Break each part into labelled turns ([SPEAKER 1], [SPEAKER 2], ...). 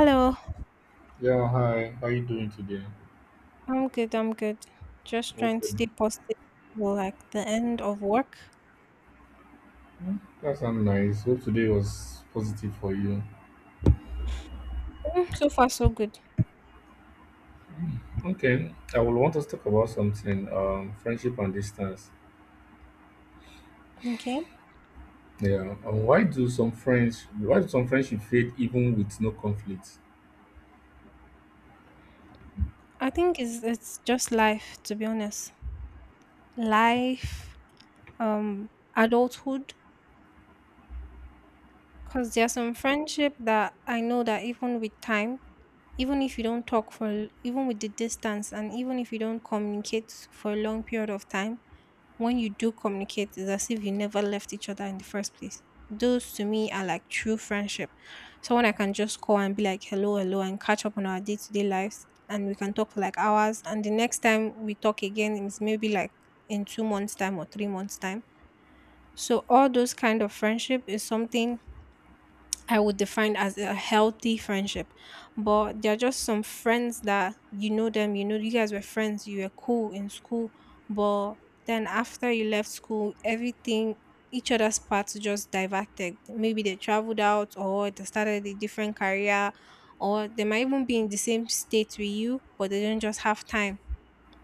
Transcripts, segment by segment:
[SPEAKER 1] Hello,
[SPEAKER 2] Yeah, hi. How you doing today?
[SPEAKER 1] I'm good. I'm good. Just trying to
[SPEAKER 2] Okay.
[SPEAKER 1] stay positive for like the end of work.
[SPEAKER 2] that's sounds nice. Hope today was positive for you.
[SPEAKER 1] Mm, so far, so good.
[SPEAKER 2] Okay, I will want us to talk about something, friendship and distance.
[SPEAKER 1] Okay.
[SPEAKER 2] Yeah. And why do some friendship fade even with no conflict?
[SPEAKER 1] I think it's just life, to be honest. Life, um, adulthood. Because there's some friendship that I know that even with time, even if you don't talk for, even with the distance, and even if you don't communicate for a long period of time, when you do communicate, it's as if you never left each other in the first place. Those to me are like true friendship. Someone I can just call and be like, hello, hello, and catch up on our day to day lives. And we can talk for like hours. And the next time we talk again is maybe like in 2 months' time or 3 months' time. So, all those kind of friendship is something I would define as a healthy friendship. But there are just some friends that you know them, you guys were friends, you were cool in school, but then after you left school, everything, each other's paths just diverted. Maybe they traveled out or they started a different career, or they might even be in the same state with you, but they don't just have time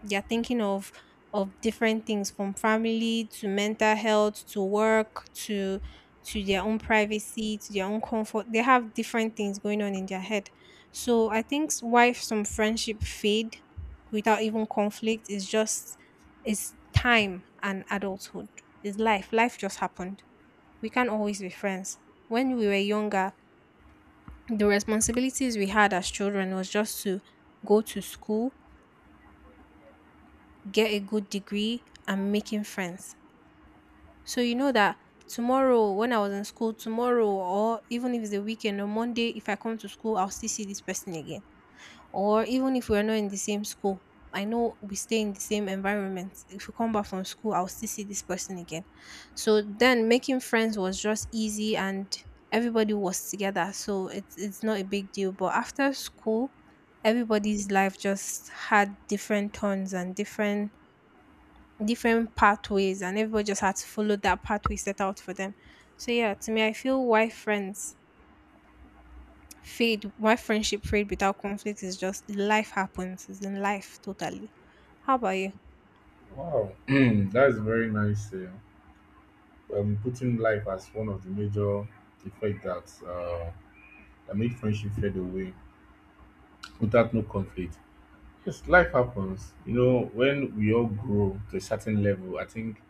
[SPEAKER 1] they're thinking of different things from family to mental health to work to their own privacy to their own comfort, they have different things going on in their head. So I think why some friendship fade without even conflict is just is time and adulthood, is life, life just happened. We can't always be friends. When we were younger, the responsibilities we had as children was just to go to school, get a good degree and making friends. So you know that tomorrow when I was in school, tomorrow or even if it's a weekend or Monday, if I come to school, I'll still see this person again. Or even if we're not in the same school, I know we stay in the same environment. If we come back from school, I'll still see this person again. So then making friends was just easy and everybody was together. So it's not a big deal. But after school, everybody's life just had different turns and different different pathways, and everybody just had to follow that pathway set out for them. So yeah, to me I feel why friends fade, why friendship fade without conflict is just life happens. It's in life totally. How about you?
[SPEAKER 2] Wow. That is very nice. Putting life as one of the major effect that that make friendship fade away without no conflict. Yes, life happens. You know, when we all grow to a certain level, I think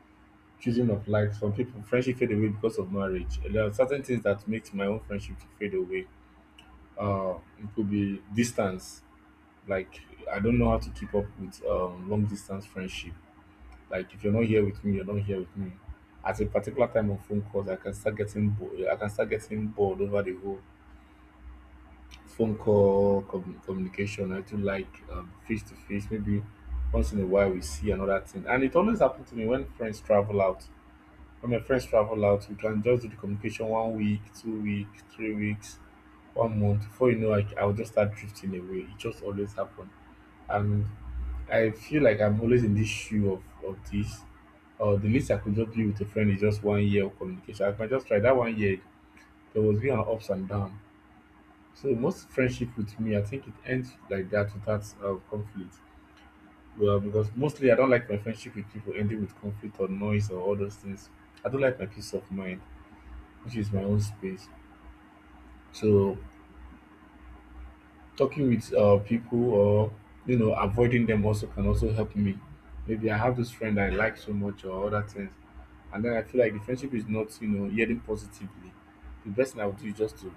[SPEAKER 2] choosing of life some people friendship fade away because of marriage, there are certain things that makes my own friendship to fade away. Uh it could be distance, like I don't know how to keep up with long distance friendship. Like if you're not here with me, you're not here with me. At a particular time of phone calls, I can start getting I can start getting bored over the whole phone call communication. I do like, face to face, maybe once in a while we see another thing. And it always happens to me when friends travel out. When my friends travel out, we can just do the communication 1 week, 2 weeks, 3 weeks, 1 month. Before you know, like, I'll just start drifting away. It just always happen. And I feel like I'm always in this shoe of this. The least I could just do with a friend is just 1 year of communication. I can just try that 1 year. There was been an ups and down. So most friendship with me, I think it ends like that without conflict. Well, because mostly I don't like my friendship with people ending with conflict or noise or all those things. I don't like my peace of mind, which is my own space. So talking with people or you know avoiding them also can also help me. Maybe I have this friend I like so much or other things, and then I feel like the friendship is not you know yielding positively. The best thing I would do is just to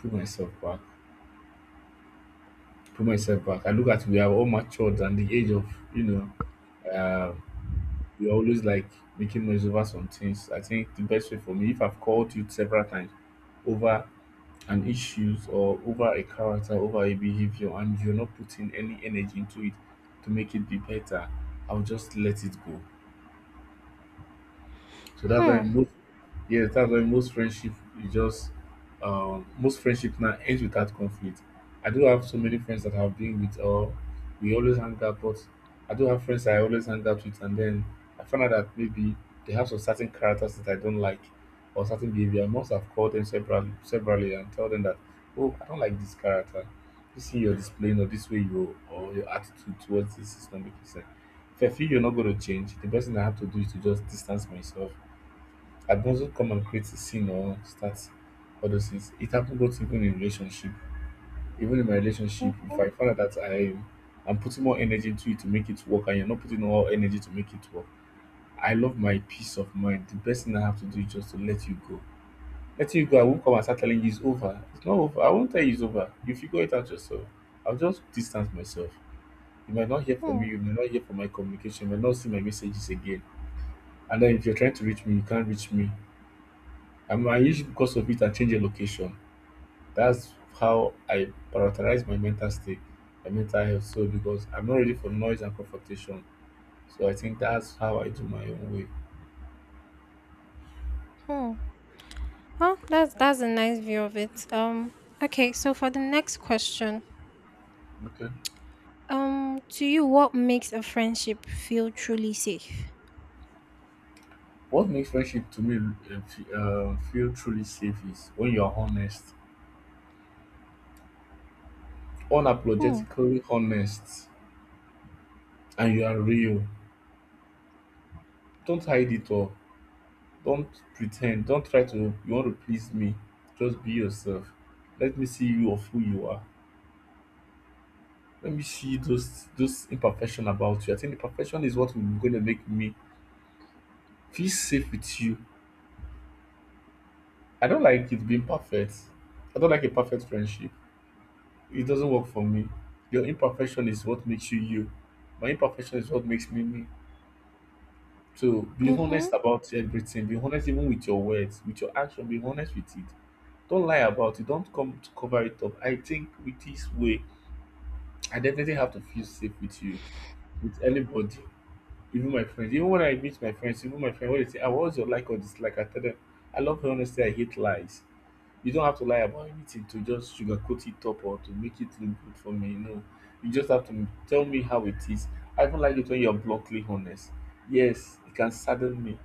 [SPEAKER 2] pull myself back, pull myself back. I look at we are all matured and the age of you know uh, we're always like making noise over some things. I think the best way for me, if I've called you several times over an issues or over a character over a behavior, and you're not putting any energy into it to make it be better, I'll just let it go. So that's why
[SPEAKER 1] Hmm.
[SPEAKER 2] most, yes, that's why most friendship is just, most friendship now ends without conflict. I do have so many friends that I've been with, or we always hang out. But I do have friends I always hang out with, and then I found out that maybe they have some certain characters that I don't like or certain behavior. I must have called them separately separately and tell them that, oh, I don't like this character. This thing you're displaying or this way you or your attitude towards this is not making sense. If I feel you're not going to change, the best thing I have to do is to just distance myself. I can not come and create a scene or start all those things. It happened both even in relationship, even in my relationship. If
[SPEAKER 1] Mhm.
[SPEAKER 2] I find out that I'm putting more energy into it to make it work, and you're not putting all energy to make it work, I love my peace of mind. The best thing I have to do is just to let you go. Letting you go, I won't come and start telling you it's over. It's not over. I won't tell you it's over. You figure it out yourself. I'll just distance myself. You might not hear from
[SPEAKER 1] Hmm.
[SPEAKER 2] me. You may not hear from my communication. You might not see my messages again. And then if you're trying to reach me, you can't reach me. And my issue because of it, I change a location. That's how I prioritize my mental state, my mental health. So because I'm not ready for noise and confrontation. So I think that's how I do my own way.
[SPEAKER 1] Hmm. Huh? That's a nice view of it. Okay, so for the next question.
[SPEAKER 2] Okay.
[SPEAKER 1] Um, to you what makes a friendship feel truly safe?
[SPEAKER 2] What makes friendship to me feel truly safe is when you are honest,
[SPEAKER 1] Hmm.
[SPEAKER 2] unapologetically honest, and you are real. Don't hide it all. Don't pretend. Don't try to, you want to please me. Just be yourself. Let me see you of who you are. Let me see those imperfection about you. I think the perfection is what will gonna make me feel safe with you. I don't like it being perfect. I don't like a perfect friendship. It doesn't work for me. Your imperfection is what makes you you. My imperfection is what makes me me. So be
[SPEAKER 1] Mm-hmm.
[SPEAKER 2] honest about everything. Be honest even with your words, with your action. Be honest with it. Don't lie about it. Don't come to cover it up. I think with this way, I definitely have to feel safe with you, with anybody. Even my friends, even when I meet my friends, even my friend when they say, "Ah, what's your like or dislike?" I tell them, "I love her honesty. I hate lies. You don't have to lie about anything to just sugarcoat it up or to make it look good for me. No, you just have to tell me how it is. I even like it when you're bluntly honest. Yes, it can sadden me,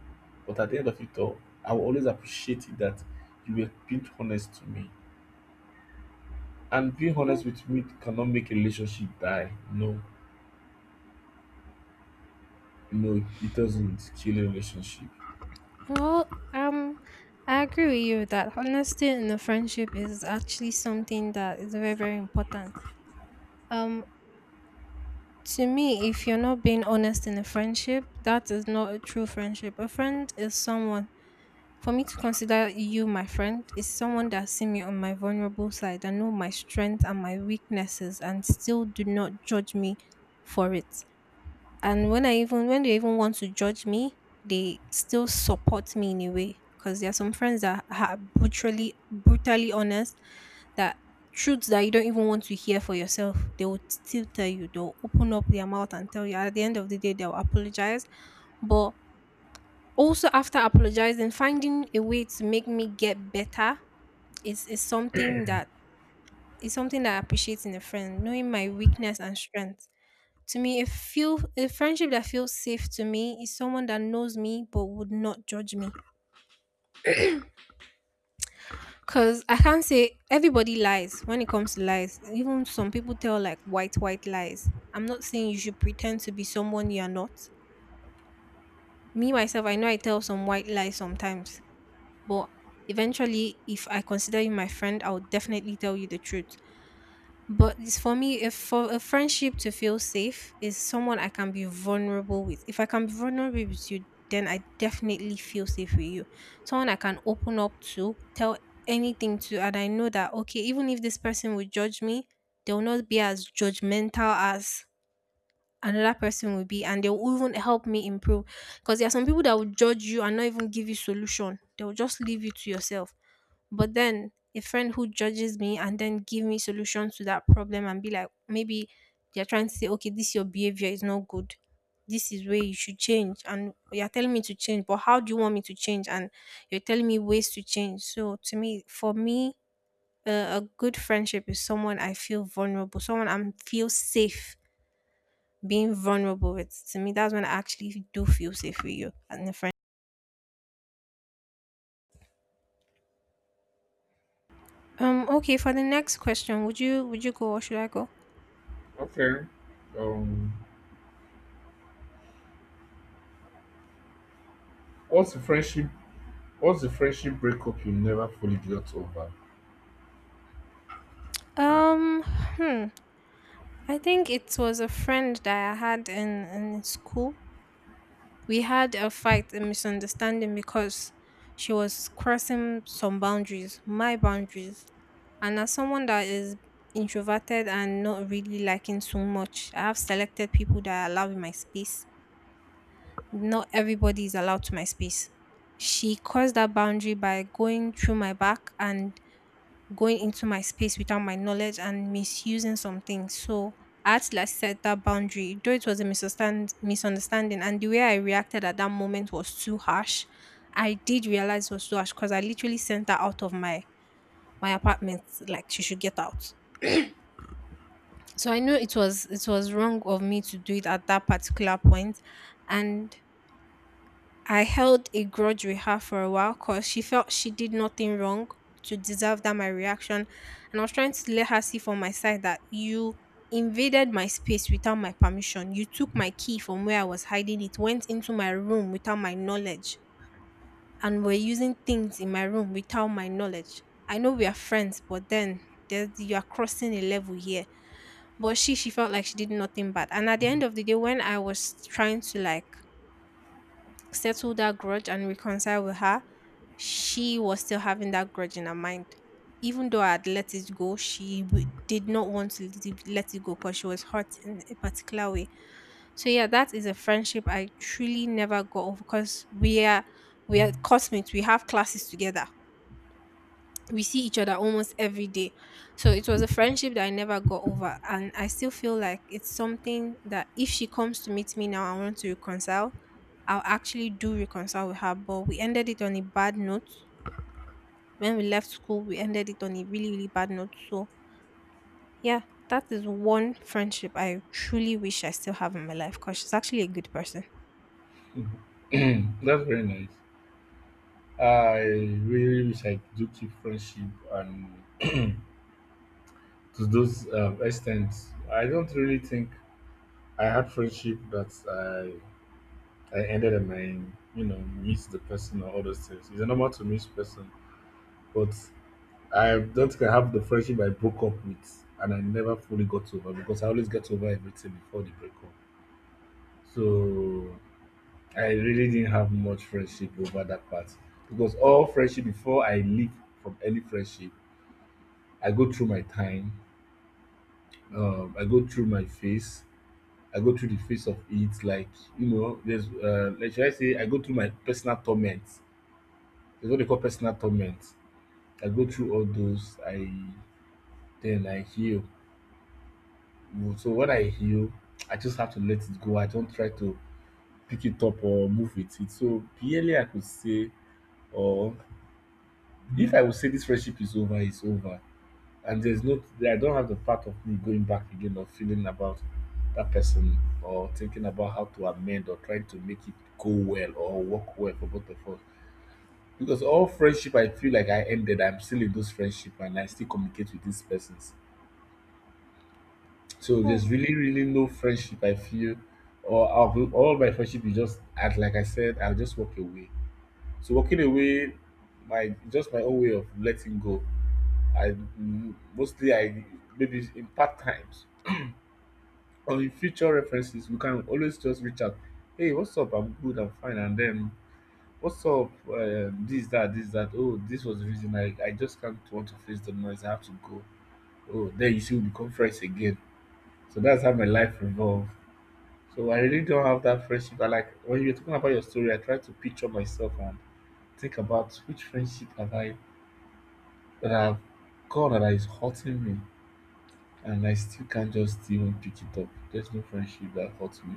[SPEAKER 2] but at the end of it all, I will always appreciate it that you were being honest to me. And being
[SPEAKER 1] Hmm.
[SPEAKER 2] honest with me cannot make a relationship die. No, no, it doesn't kill a relationship.
[SPEAKER 1] Well, I agree with you that honesty in a friendship is actually something that is very, very important. Um, to me, if you're not being honest in a friendship, that is not a true friendship. A friend is someone. For me to consider you my friend is someone that see me on my vulnerable side and know my strength and my weaknesses and still do not judge me for it. And when I, even when they even want to judge me, they still support me in a way, because there are some friends that are brutally, brutally honest, that truths that you don't even want to hear for yourself, they will still tell you. They'll open up their mouth and tell you. At the end of the day, they'll apologize, but also after apologizing, finding a way to make me get better is, is something that is something that I appreciate in a friend, knowing my weakness and strength. To me, a feel a friendship that feels safe to me is someone that knows me but would not judge me. Cause I can't say everybody lies when it comes to lies. Even some people tell like white white lies. I'm not saying you should pretend to be someone you are not. Me myself, I know I tell some white lies sometimes, but eventually, if I consider you my friend, I'll definitely tell you the truth. But it's for me, if for a friendship to feel safe is someone I can be vulnerable with. If I can be vulnerable with you, then I definitely feel safe with you. Someone I can open up to, tell anything to, and I know that okay, even if this person will judge me, they'll not be as judgmental as another person will be, and they'll even help me improve. Because there are some people that will judge you and not even give you solution. They'll just leave you to yourself. But then a friend who judges me and then give me solutions to that problem and be like, maybe they're trying to say, okay, this your behavior is not good. This is where you should change. And you're telling me to change, but how do you want me to change? And you're telling me ways to change. So to me, for me, a good friendship is someone I feel vulnerable, someone I feel safe being vulnerable with. To me, that's when I actually do feel safe with you and a friend. Okay. For the next question, would you go or should I go?
[SPEAKER 2] Okay. Um, Once the friendship breakup you never fully got over.
[SPEAKER 1] Hmm. I think it was a friend that I had in school. We had a fight, a misunderstanding because she was crossing some boundaries, my boundaries. And as someone that is introverted and not really liking so much, I have selected people that I allow in my space. Not everybody is allowed to my space. She crossed that boundary by going through my back and going into my space without my knowledge and misusing some things. So I had to like set that boundary, though it was a misunderstanding, and the way I reacted at that moment was too harsh. I did realize it was too harsh because I literally sent her out of my my apartment, like she should get out. So I know it was wrong of me to do it at that particular point, and I held a grudge with her for a while because she felt she did nothing wrong to deserve that my reaction. And I was trying to let her see from my side that you invaded my space without my permission. You took my key from where I was hiding it, went into my room without my knowledge, and were using things in my room without my knowledge. I know we are friends, but then there's, you are crossing a level here. But she felt like she did nothing bad. And at the end of the day, when I was trying to like settle that grudge and reconcile with her, she was still having that grudge in her mind. Even though I had let it go, did not want to let it go because she was hurt in a particular way. So yeah, that is a friendship I truly never got over because we are classmates. We have classes together, we see each other almost every day. So it was a friendship that I never got over. And I still feel like it's something that if she comes to meet me now, I want to reconcile. I'll actually do reconcile with her. But we ended it on a bad note. When we left school, we ended it on a really, really bad note. So yeah, that is one friendship I truly wish I still have in my life because she's actually a good person.
[SPEAKER 2] Mhm. That's very nice. I really wish I do keep friendship and to those extent. I don't really think I had friendship that I ended and I you know miss the person or all those things. It's normal to miss person, but I don't think I have the friendship I broke up with and I never fully got over because I always get over everything before the breakup. So I really didn't have much friendship over that part because all friendship before I leave from any friendship, I go through my time, I go through my phase, I go through the phase of it. Like you know, there's like, should I say, I go through my personal torment. There's what they call personal torment. I go through all those. I Then I heal. So when I heal, I just have to let it go. I don't try to pick it up or move with it. So barely I could say, or if I would say this friendship is over, it's over, and there's no, I don't have the part of me going back again or feeling about that person or thinking about how to amend or trying to make it go well or work well for both of us. Because all friendship I feel like I ended, I'm still in those friendship and I still communicate with these persons. So
[SPEAKER 1] Hmm.
[SPEAKER 2] there's really, really no friendship I feel, or of all my friendship is just act like I said, I'll just walk away. So walking away, my just my own way of letting go, I mostly I maybe in part times or in future references, we can always just reach out. Hey, what's up? I'm good. I'm fine. And then what's up? This that this that. Oh, this was the reason I just can't want to face the noise. I have to go. Oh, then you see we become friends again. So that's how my life revolves. So I really don't have that friendship. I like when you're talking about your story, I try to picture myself and think about which friendship have I that I've gone that is hurting me, and I still can't just even pick it up. There's no friendship that hurts me.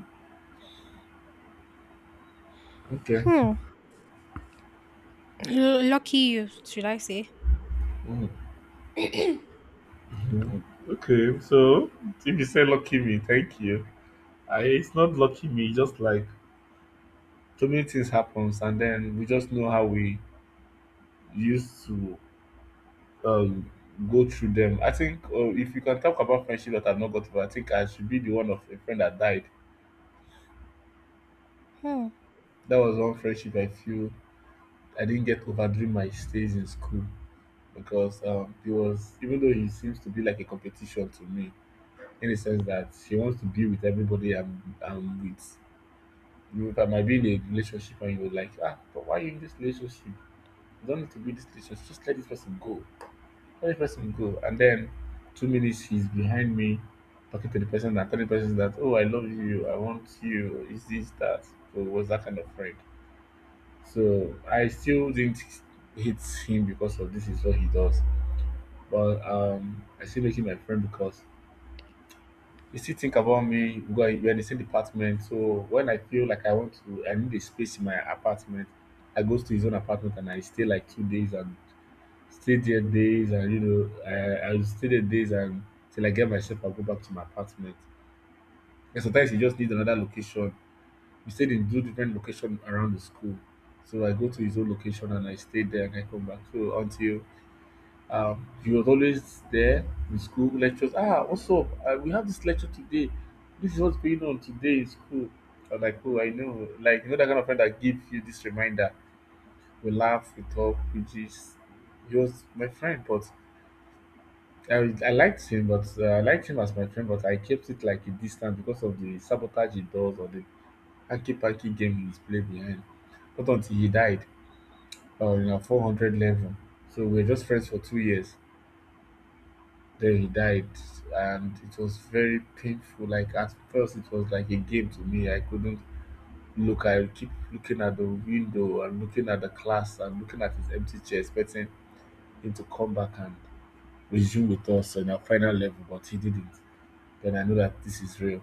[SPEAKER 2] Okay.
[SPEAKER 1] Hmm. Lucky you, should I say?
[SPEAKER 2] Mm, mm. Okay, so if you say lucky me, thank you. It's not lucky me, just like so many things happens, and then we just know how we used to um, go through them. I think if you can talk about friendship that I've not got over, I think I should be the one of a friend that died.
[SPEAKER 1] Hmm.
[SPEAKER 2] That was one friendship I feel I didn't get over during my stays in school. Because it was even though he seems to be like a competition to me in the sense that she wants to be with everybody I'm with. You know, if I might be in a relationship and you're like, ah, but why are you in this relationship? You don't need to be in this relationship. Just let this person go. Let this person go. And then 2 minutes she's behind me talking to the person and telling the person that, oh, I love you. I want you. Is this that? So it was that kind of friend. So I still didn't hate him because of this is what he does. But I still making my friend because he still think about me. Because we're in the same department, so when I feel like I want to, I need a space in my apartment. I go to his own apartment and I stay like 2 days and stay there days and I will stay there days and till I get myself I go back to my apartment. And sometimes he just needs another location. We stayed in two different locations around the school, so I go to his own location and I stay there and I come back. So until he was always there in school lectures. Ah, what's up? We have this lecture today. This is what's going on today in school. I'm like, oh, I know. Like, you know, that kind of friend that gives you this reminder. We laugh, we talk, we just. He was my friend, but I liked him, but I liked him as my friend, but I kept it like a distance because of the sabotage he does or the hacky packy game he's played behind. Not until he died in a 400 level. So we were just friends for 2 years. Then he died, and it was very painful. Like at first, it was like a game to me. I couldn't look. I would keep looking at the window and looking at the class and looking at his empty chair, expecting him to come back and resume with us on our final level, but he didn't. Then I know that this is real.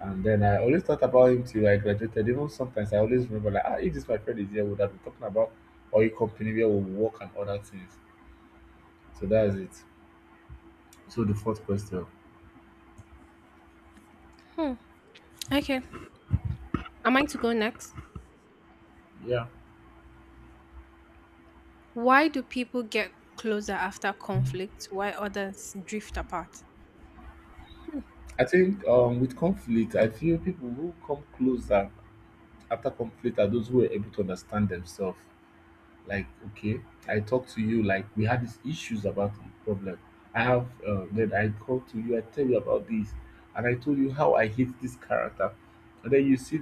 [SPEAKER 2] And then I always thought about him till I graduated. Even sometimes I always remember like, ah, if this my friend is here, we would have been talking about oil company where we work and other things. So that's it. So the fourth question.
[SPEAKER 1] Okay. Am I to go next?
[SPEAKER 2] Yeah.
[SPEAKER 1] Why do people get closer after conflict while others drift apart?
[SPEAKER 2] I think with conflict, I feel people who come closer after conflict are those who are able to understand themselves. Like, okay, I talked to you, like, we had these issues about the problem. I have, then I called to you, I tell you about this, and I told you how I hate this character. And then you see,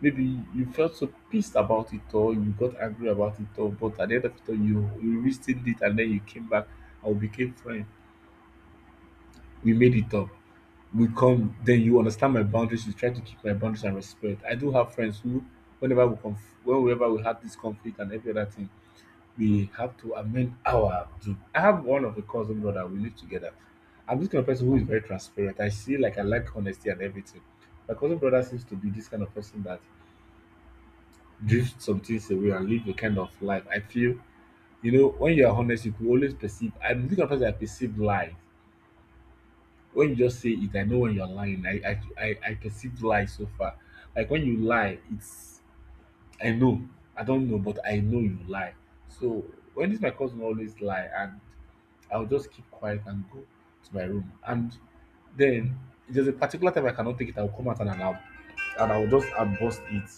[SPEAKER 2] maybe you felt so pissed about it, or you got angry about it, all, but at the end of it, all, you reasoned it, and then you came back, and we became friends. We made it up we come, then you understand my boundaries. You try to keep my boundaries and respect. I do have friends who, whenever we whenever we have this conflict and every other thing, we have to amend our. Do. I have one of the cousin brother. We live together. I'm this kind of person who is very transparent. I see like I like honesty and everything. My cousin brother seems to be this kind of person that drifts some things away and live a kind of life. I feel, you know, when you are honest, you could always perceive. I'm this kind of person that perceive lies. When you just say it, I know when you're lying. I perceive lies so far. Like when you lie, it's I know. I don't know, but I know you lie. So when this my cousin always lie, and I'll just keep quiet and go to my room. And then there's a particular time I cannot take it. I'll come out and I'll just I'll burst it.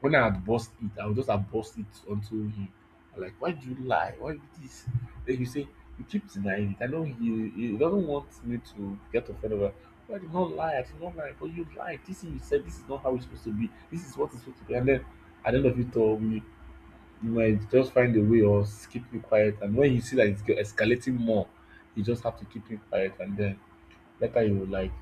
[SPEAKER 2] When I had burst it, I would just have burst it onto him. I'm like, why do you lie? Why you this? Then you say, you keep denying it. I know he doesn't want me to get offended. But I did not lie. I did not lie. But you lied. This thing you said, this is not how it's supposed to be. This is what it's supposed to be. And then at the end of it all, you might just find a way or keep me quiet. And when you see that it's escalating more, you just have to keep me quiet. And then later you was like,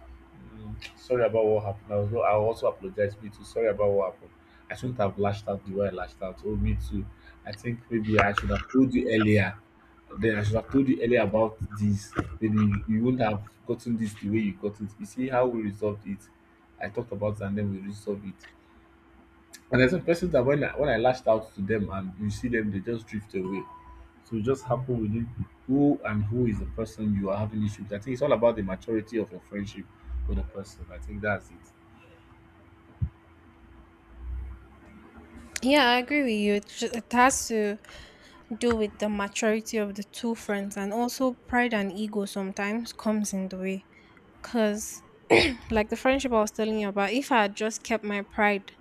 [SPEAKER 2] "Mm, sorry about what happened. I was I also apologize. Me too. Sorry about what happened. I shouldn't have lashed out the way I lashed out. Oh, me too. I think maybe I should have told you earlier. Then I should have told you earlier about this. Then you wouldn't have gotten this the way you got it. You see how we resolved it. I talked about it and then we resolved it. And there's some persons that when I lashed out to them and you see them, they just drift away. So it just happen within who and who is the person you are having issues with. I think it's all about the maturity of your friendship with a person. I think that's it.
[SPEAKER 1] Yeah, I agree with you. It, it has to do with the maturity of the two friends, and also pride and ego sometimes comes in the way. Because, like the friendship I was telling you about, if I had just kept my pride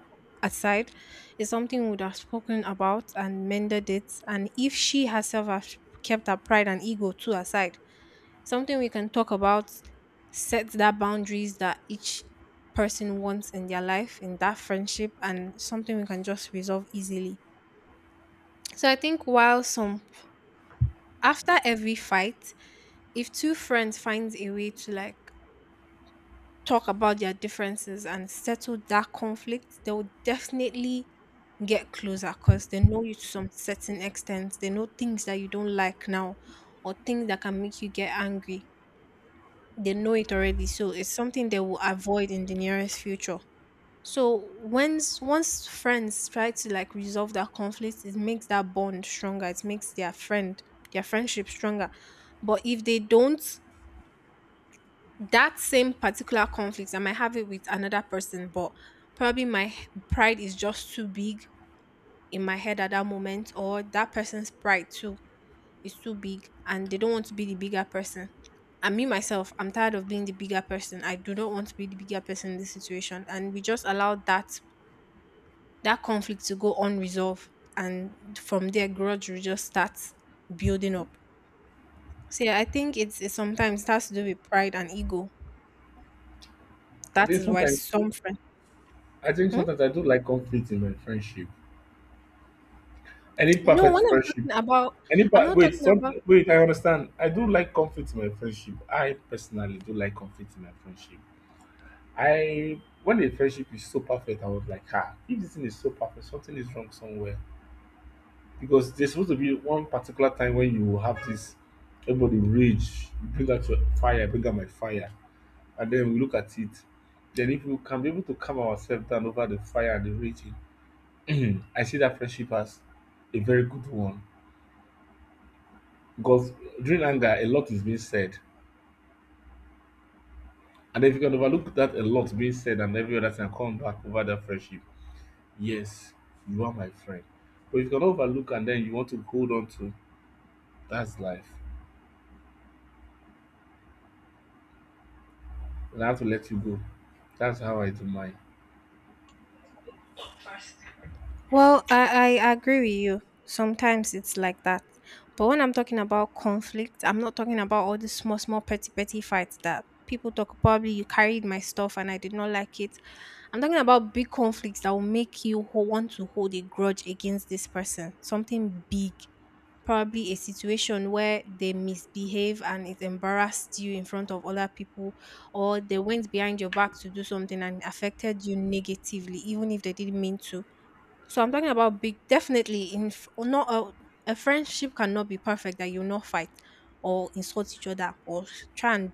[SPEAKER 1] aside, it's something we would have spoken about and mended it. And if she herself had kept her pride and ego too aside, something we can talk about, set that boundaries that each person wants in their life, in that friendship, and something we can just resolve easily. So I think while some after every fight, if two friends find a way to like talk about their differences and settle that conflict, they will definitely get closer because they know you to some certain extent. They know things that you don't like now or things that can make you get angry. They know it already, so it's something they will avoid in the nearest future. So once friends try to like resolve that conflict, it makes that bond stronger. It makes their friend their friendship stronger. But if they don't, that same particular conflict I might have it with another person, but probably my pride is just too big in my head at that moment, or that person's pride too is too big, and they don't want to be the bigger person. And me myself, I'm tired of being the bigger person. I do not want to be the bigger person in this situation. And we just allowed that conflict to go unresolved, and from there grudge will just start building up. So yeah, I think it's sometimes it has to do with pride and ego.
[SPEAKER 2] I
[SPEAKER 1] That
[SPEAKER 2] think
[SPEAKER 1] is why
[SPEAKER 2] sometimes
[SPEAKER 1] some friends.
[SPEAKER 2] I think
[SPEAKER 1] Hmm?
[SPEAKER 2] sometimes I do like conflict in my friendship. Any
[SPEAKER 1] No,
[SPEAKER 2] perfect
[SPEAKER 1] when I'm
[SPEAKER 2] friendship.
[SPEAKER 1] talking about,
[SPEAKER 2] Any
[SPEAKER 1] I'm
[SPEAKER 2] pa-
[SPEAKER 1] not
[SPEAKER 2] wait,
[SPEAKER 1] talking
[SPEAKER 2] some
[SPEAKER 1] about.
[SPEAKER 2] wait, I understand. I do like conflict in my friendship. I personally do like conflict in my friendship. I when a friendship is so perfect, I was like, ah, if this thing is so perfect, something is wrong somewhere. Because there's supposed to be one particular time when you have this everybody rage, you bring out your fire, I bring out my fire, and then we look at it. Then if we can be able to calm ourselves down over the fire and the raging, I see that friendship as a very good one, because during anger a lot is being said. And if you can overlook that a lot being said and every other thing and come back over that friendship, yes, you are my friend. But if you can overlook and then you want to hold on to, that's life, and I have to let you go. That's how I do mine.
[SPEAKER 1] Well, I agree with you. Sometimes it's like that. But when I'm talking about conflict, I'm not talking about all the small, small, petty, petty fights that people talk. Probably you carried my stuff and I did not like it. I'm talking about big conflicts that will make you want to hold a grudge against this person. Something big. Probably a situation where they misbehave and it embarrassed you in front of other people, or they went behind your back to do something and affected you negatively, even if they didn't mean to. So I'm talking about big, definitely or not, a friendship cannot be perfect that you not fight or insult each other or try and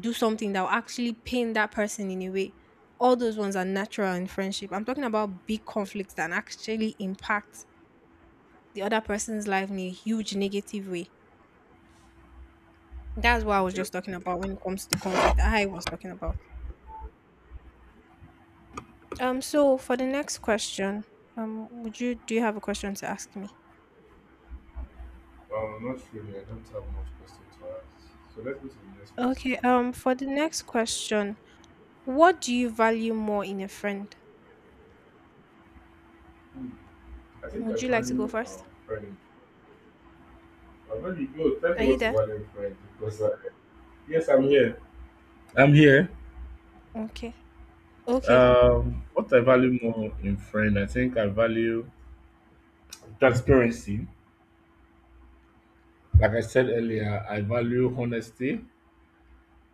[SPEAKER 1] do something that will actually pain that person in a way. All those ones are natural in friendship. I'm talking about big conflicts that actually impact the other person's life in a huge negative way. That's what I was just talking about when it comes to the conflict I was talking about. So for the next question, would you do you have a question to ask me?
[SPEAKER 2] Well, not really. I don't have much question to ask. So let's go to the next question.
[SPEAKER 1] Okay, for the next question, what do you value more in a friend?
[SPEAKER 2] I think I
[SPEAKER 1] Would you like to go
[SPEAKER 2] value
[SPEAKER 1] first?
[SPEAKER 2] friend. I value no. Tell me
[SPEAKER 1] Are you
[SPEAKER 2] what you
[SPEAKER 1] there?
[SPEAKER 2] value in friend because yes, I'm here. I'm here.
[SPEAKER 1] Okay. Okay.
[SPEAKER 2] What I value more in friend, I think I value transparency. Like I said earlier, I value honesty,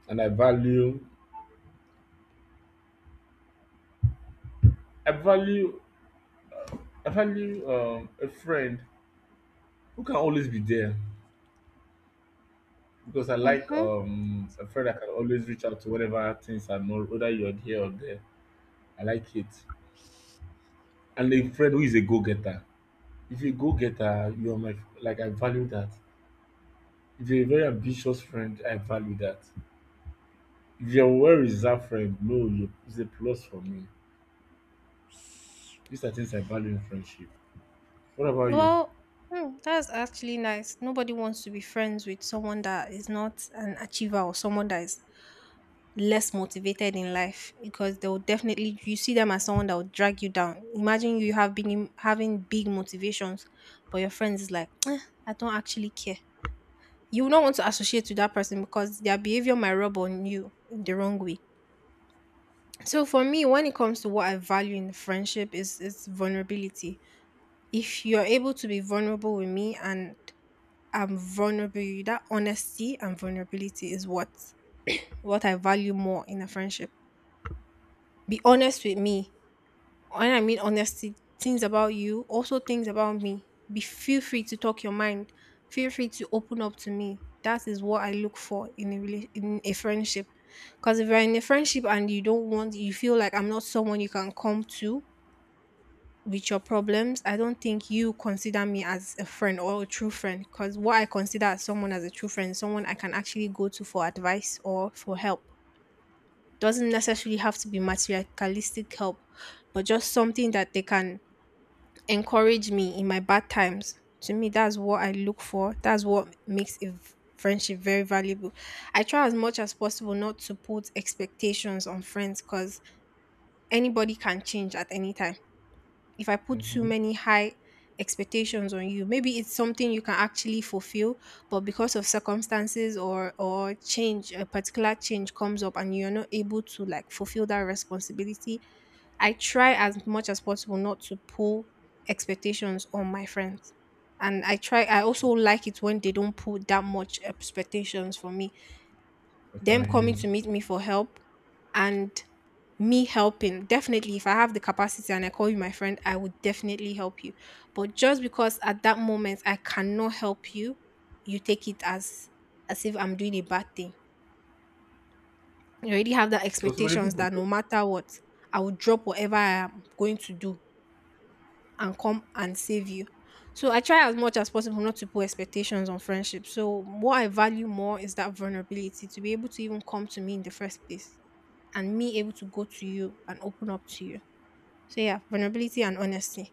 [SPEAKER 2] and I value, I value a friend who can always be there. Because I like
[SPEAKER 1] Mm-hmm.
[SPEAKER 2] a friend I can always reach out to whenever things are not whether you're here or there. I like it. And a friend who is a go getter. If you're a go getter, you're my like I value that. If you're a very ambitious friend, I value that. If you're a well reserved friend, no, you it's a plus for me. These are things I value in friendship. What about you?
[SPEAKER 1] Well, hmm, that's actually nice. Nobody wants to be friends with someone that is not an achiever, or someone that is less motivated in life, because they will definitely, you see them as someone that will drag you down. Imagine you have been having big motivations, but your friends is like, "Eh, I don't actually care." You will not want to associate with that person because their behavior might rub on you in the wrong way. So for me, when it comes to what I value in friendship is vulnerability. If you're able to be vulnerable with me, and I'm vulnerable with you, that honesty and vulnerability is what I value more in a friendship. Be honest with me. When I mean honesty, things about you, also things about me. Be feel free to talk your mind. Feel free to open up to me. That is what I look for in a in a friendship. Because if you're in a friendship and you don't want, you feel like I'm not someone you can come to with your problems, I don't think you consider me as a friend or a true friend. Because what I consider as someone as a true friend, someone I can actually go to for advice or for help. Doesn't necessarily have to be materialistic help, but just something that they can encourage me in my bad times. To me, that's what I look for. That's what makes a friendship very valuable. I try as much as possible not to put expectations on friends, because anybody can change at any time if I put too
[SPEAKER 2] Mm-hmm.
[SPEAKER 1] many high expectations on you. Maybe it's something you can actually fulfill, but because of circumstances or change, a particular change comes up and you're not able to like fulfill that responsibility. I try as much as possible not to pull expectations on my friends. And I try, I also like it when they don't put that much expectations for me,
[SPEAKER 2] What
[SPEAKER 1] them
[SPEAKER 2] about
[SPEAKER 1] coming
[SPEAKER 2] you?
[SPEAKER 1] to meet me for help, and me helping, definitely if I have the capacity and I call you my friend, I would definitely help you. But just because at that moment I cannot help you, you take it as if I'm doing a bad thing. You already have that
[SPEAKER 2] Because so many
[SPEAKER 1] expectations
[SPEAKER 2] people
[SPEAKER 1] that
[SPEAKER 2] do.
[SPEAKER 1] no matter what, I will drop whatever I am going to do and come and save you. So I try as much as possible not to put expectations on friendship. So what I value more is that vulnerability, to be able to even come to me in the first place, and me able to go to you and open up to you. So yeah, vulnerability and honesty.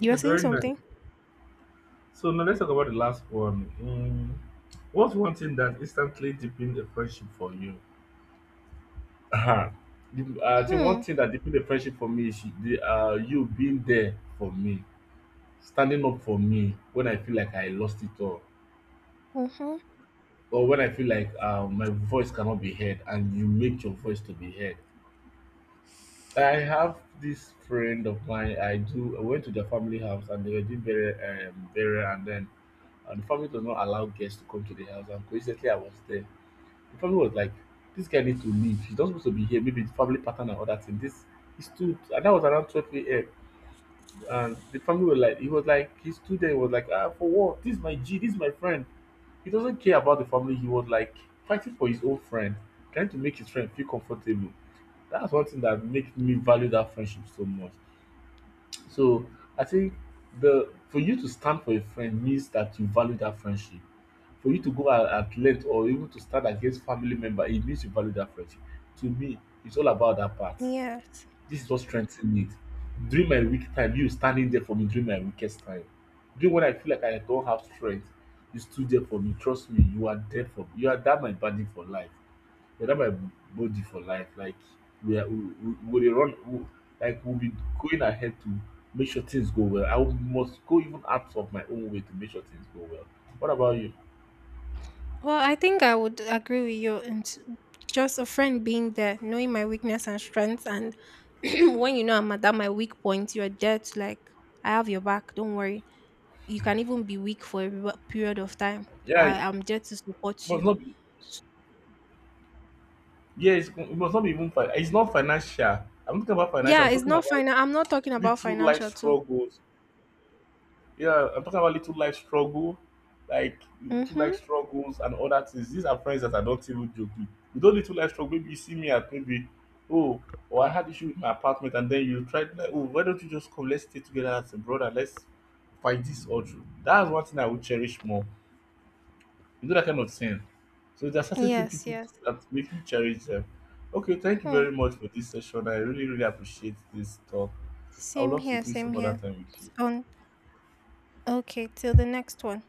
[SPEAKER 1] You
[SPEAKER 2] Okay,
[SPEAKER 1] were saying
[SPEAKER 2] very nice.
[SPEAKER 1] something?
[SPEAKER 2] So now let's talk about the last one. Mm, what's one thing that instantly deepened a friendship for you? Uh-huh. The I think one
[SPEAKER 1] Hmm.
[SPEAKER 2] thing that deepened the friendship for me is the you being there for me, standing up for me when I feel like I lost it all,
[SPEAKER 1] Mm-hmm.
[SPEAKER 2] or when I feel like my voice cannot be heard, and you make your voice to be heard. I have this friend of mine. I do. I went to their family house, and they were doing burial, and then the family does not allow guests to come to the house. And coincidentally, I was there. The family was like, "This guy need to leave. He's not supposed to be here. Maybe the family pattern and other thing." This he stood, and that was around 12 a.m. and the family were like he was like he stood there he was like ah for what this is my g this is my friend. He doesn't care about the family. He was like fighting for his own friend, trying to make his friend feel comfortable. That's one thing that makes me value that friendship so much. So I think the for you to stand for a friend means that you value that friendship. For you to go at length or even to stand against family member, it means you value that friendship. To me, it's all about that part.
[SPEAKER 1] Yes.
[SPEAKER 2] This is what strengthened it. During my weak time, you standing there for me during my weakest time. During when I feel like I don't have strength, you stood there for me. Trust me, you are there for me. You are that my body for life. You're that my body for life. Like we are, we run, we, like we'll be going ahead to make sure things go well. I will- must go even out of my own way to make sure things go well. What about you?
[SPEAKER 1] Well, I think I would agree with you. And just a friend being there, knowing my weakness and strengths, and when you know I'm at that my weak point, you're there to like, I have your back. Don't worry. You can even be weak for a period of time.
[SPEAKER 2] Yeah,
[SPEAKER 1] I
[SPEAKER 2] it
[SPEAKER 1] am there to support
[SPEAKER 2] must
[SPEAKER 1] you.
[SPEAKER 2] not be.
[SPEAKER 1] S-
[SPEAKER 2] Yeah, it's, it must not be even. It's not financial. I'm not talking about financial.
[SPEAKER 1] Yeah,
[SPEAKER 2] I'm
[SPEAKER 1] it's
[SPEAKER 2] talking
[SPEAKER 1] not
[SPEAKER 2] about
[SPEAKER 1] final. I'm not talking about
[SPEAKER 2] little life
[SPEAKER 1] financial too.
[SPEAKER 2] struggles. Yeah, I'm talking about little life struggle, like little life
[SPEAKER 1] Mm-hmm.
[SPEAKER 2] struggles and other things. These are friends that I don't even joke with. You don't little life struggle. Maybe you see me at maybe, oh, oh, I had issue with my apartment, and then you try to like, oh, why don't you just come? Let's stay together as a brother. Let's fight this all through. That's one thing I would cherish more. You know that kind of thing. So there are certain things
[SPEAKER 1] Yes.
[SPEAKER 2] people do
[SPEAKER 1] Yes.
[SPEAKER 2] that make me cherish them. Okay, thank you
[SPEAKER 1] Hmm.
[SPEAKER 2] very much for this session. I really, really appreciate this talk. I would
[SPEAKER 1] Same
[SPEAKER 2] love to
[SPEAKER 1] here,
[SPEAKER 2] do
[SPEAKER 1] same
[SPEAKER 2] some other
[SPEAKER 1] here.
[SPEAKER 2] time with
[SPEAKER 1] It's
[SPEAKER 2] you.
[SPEAKER 1] on. Okay, till the next one.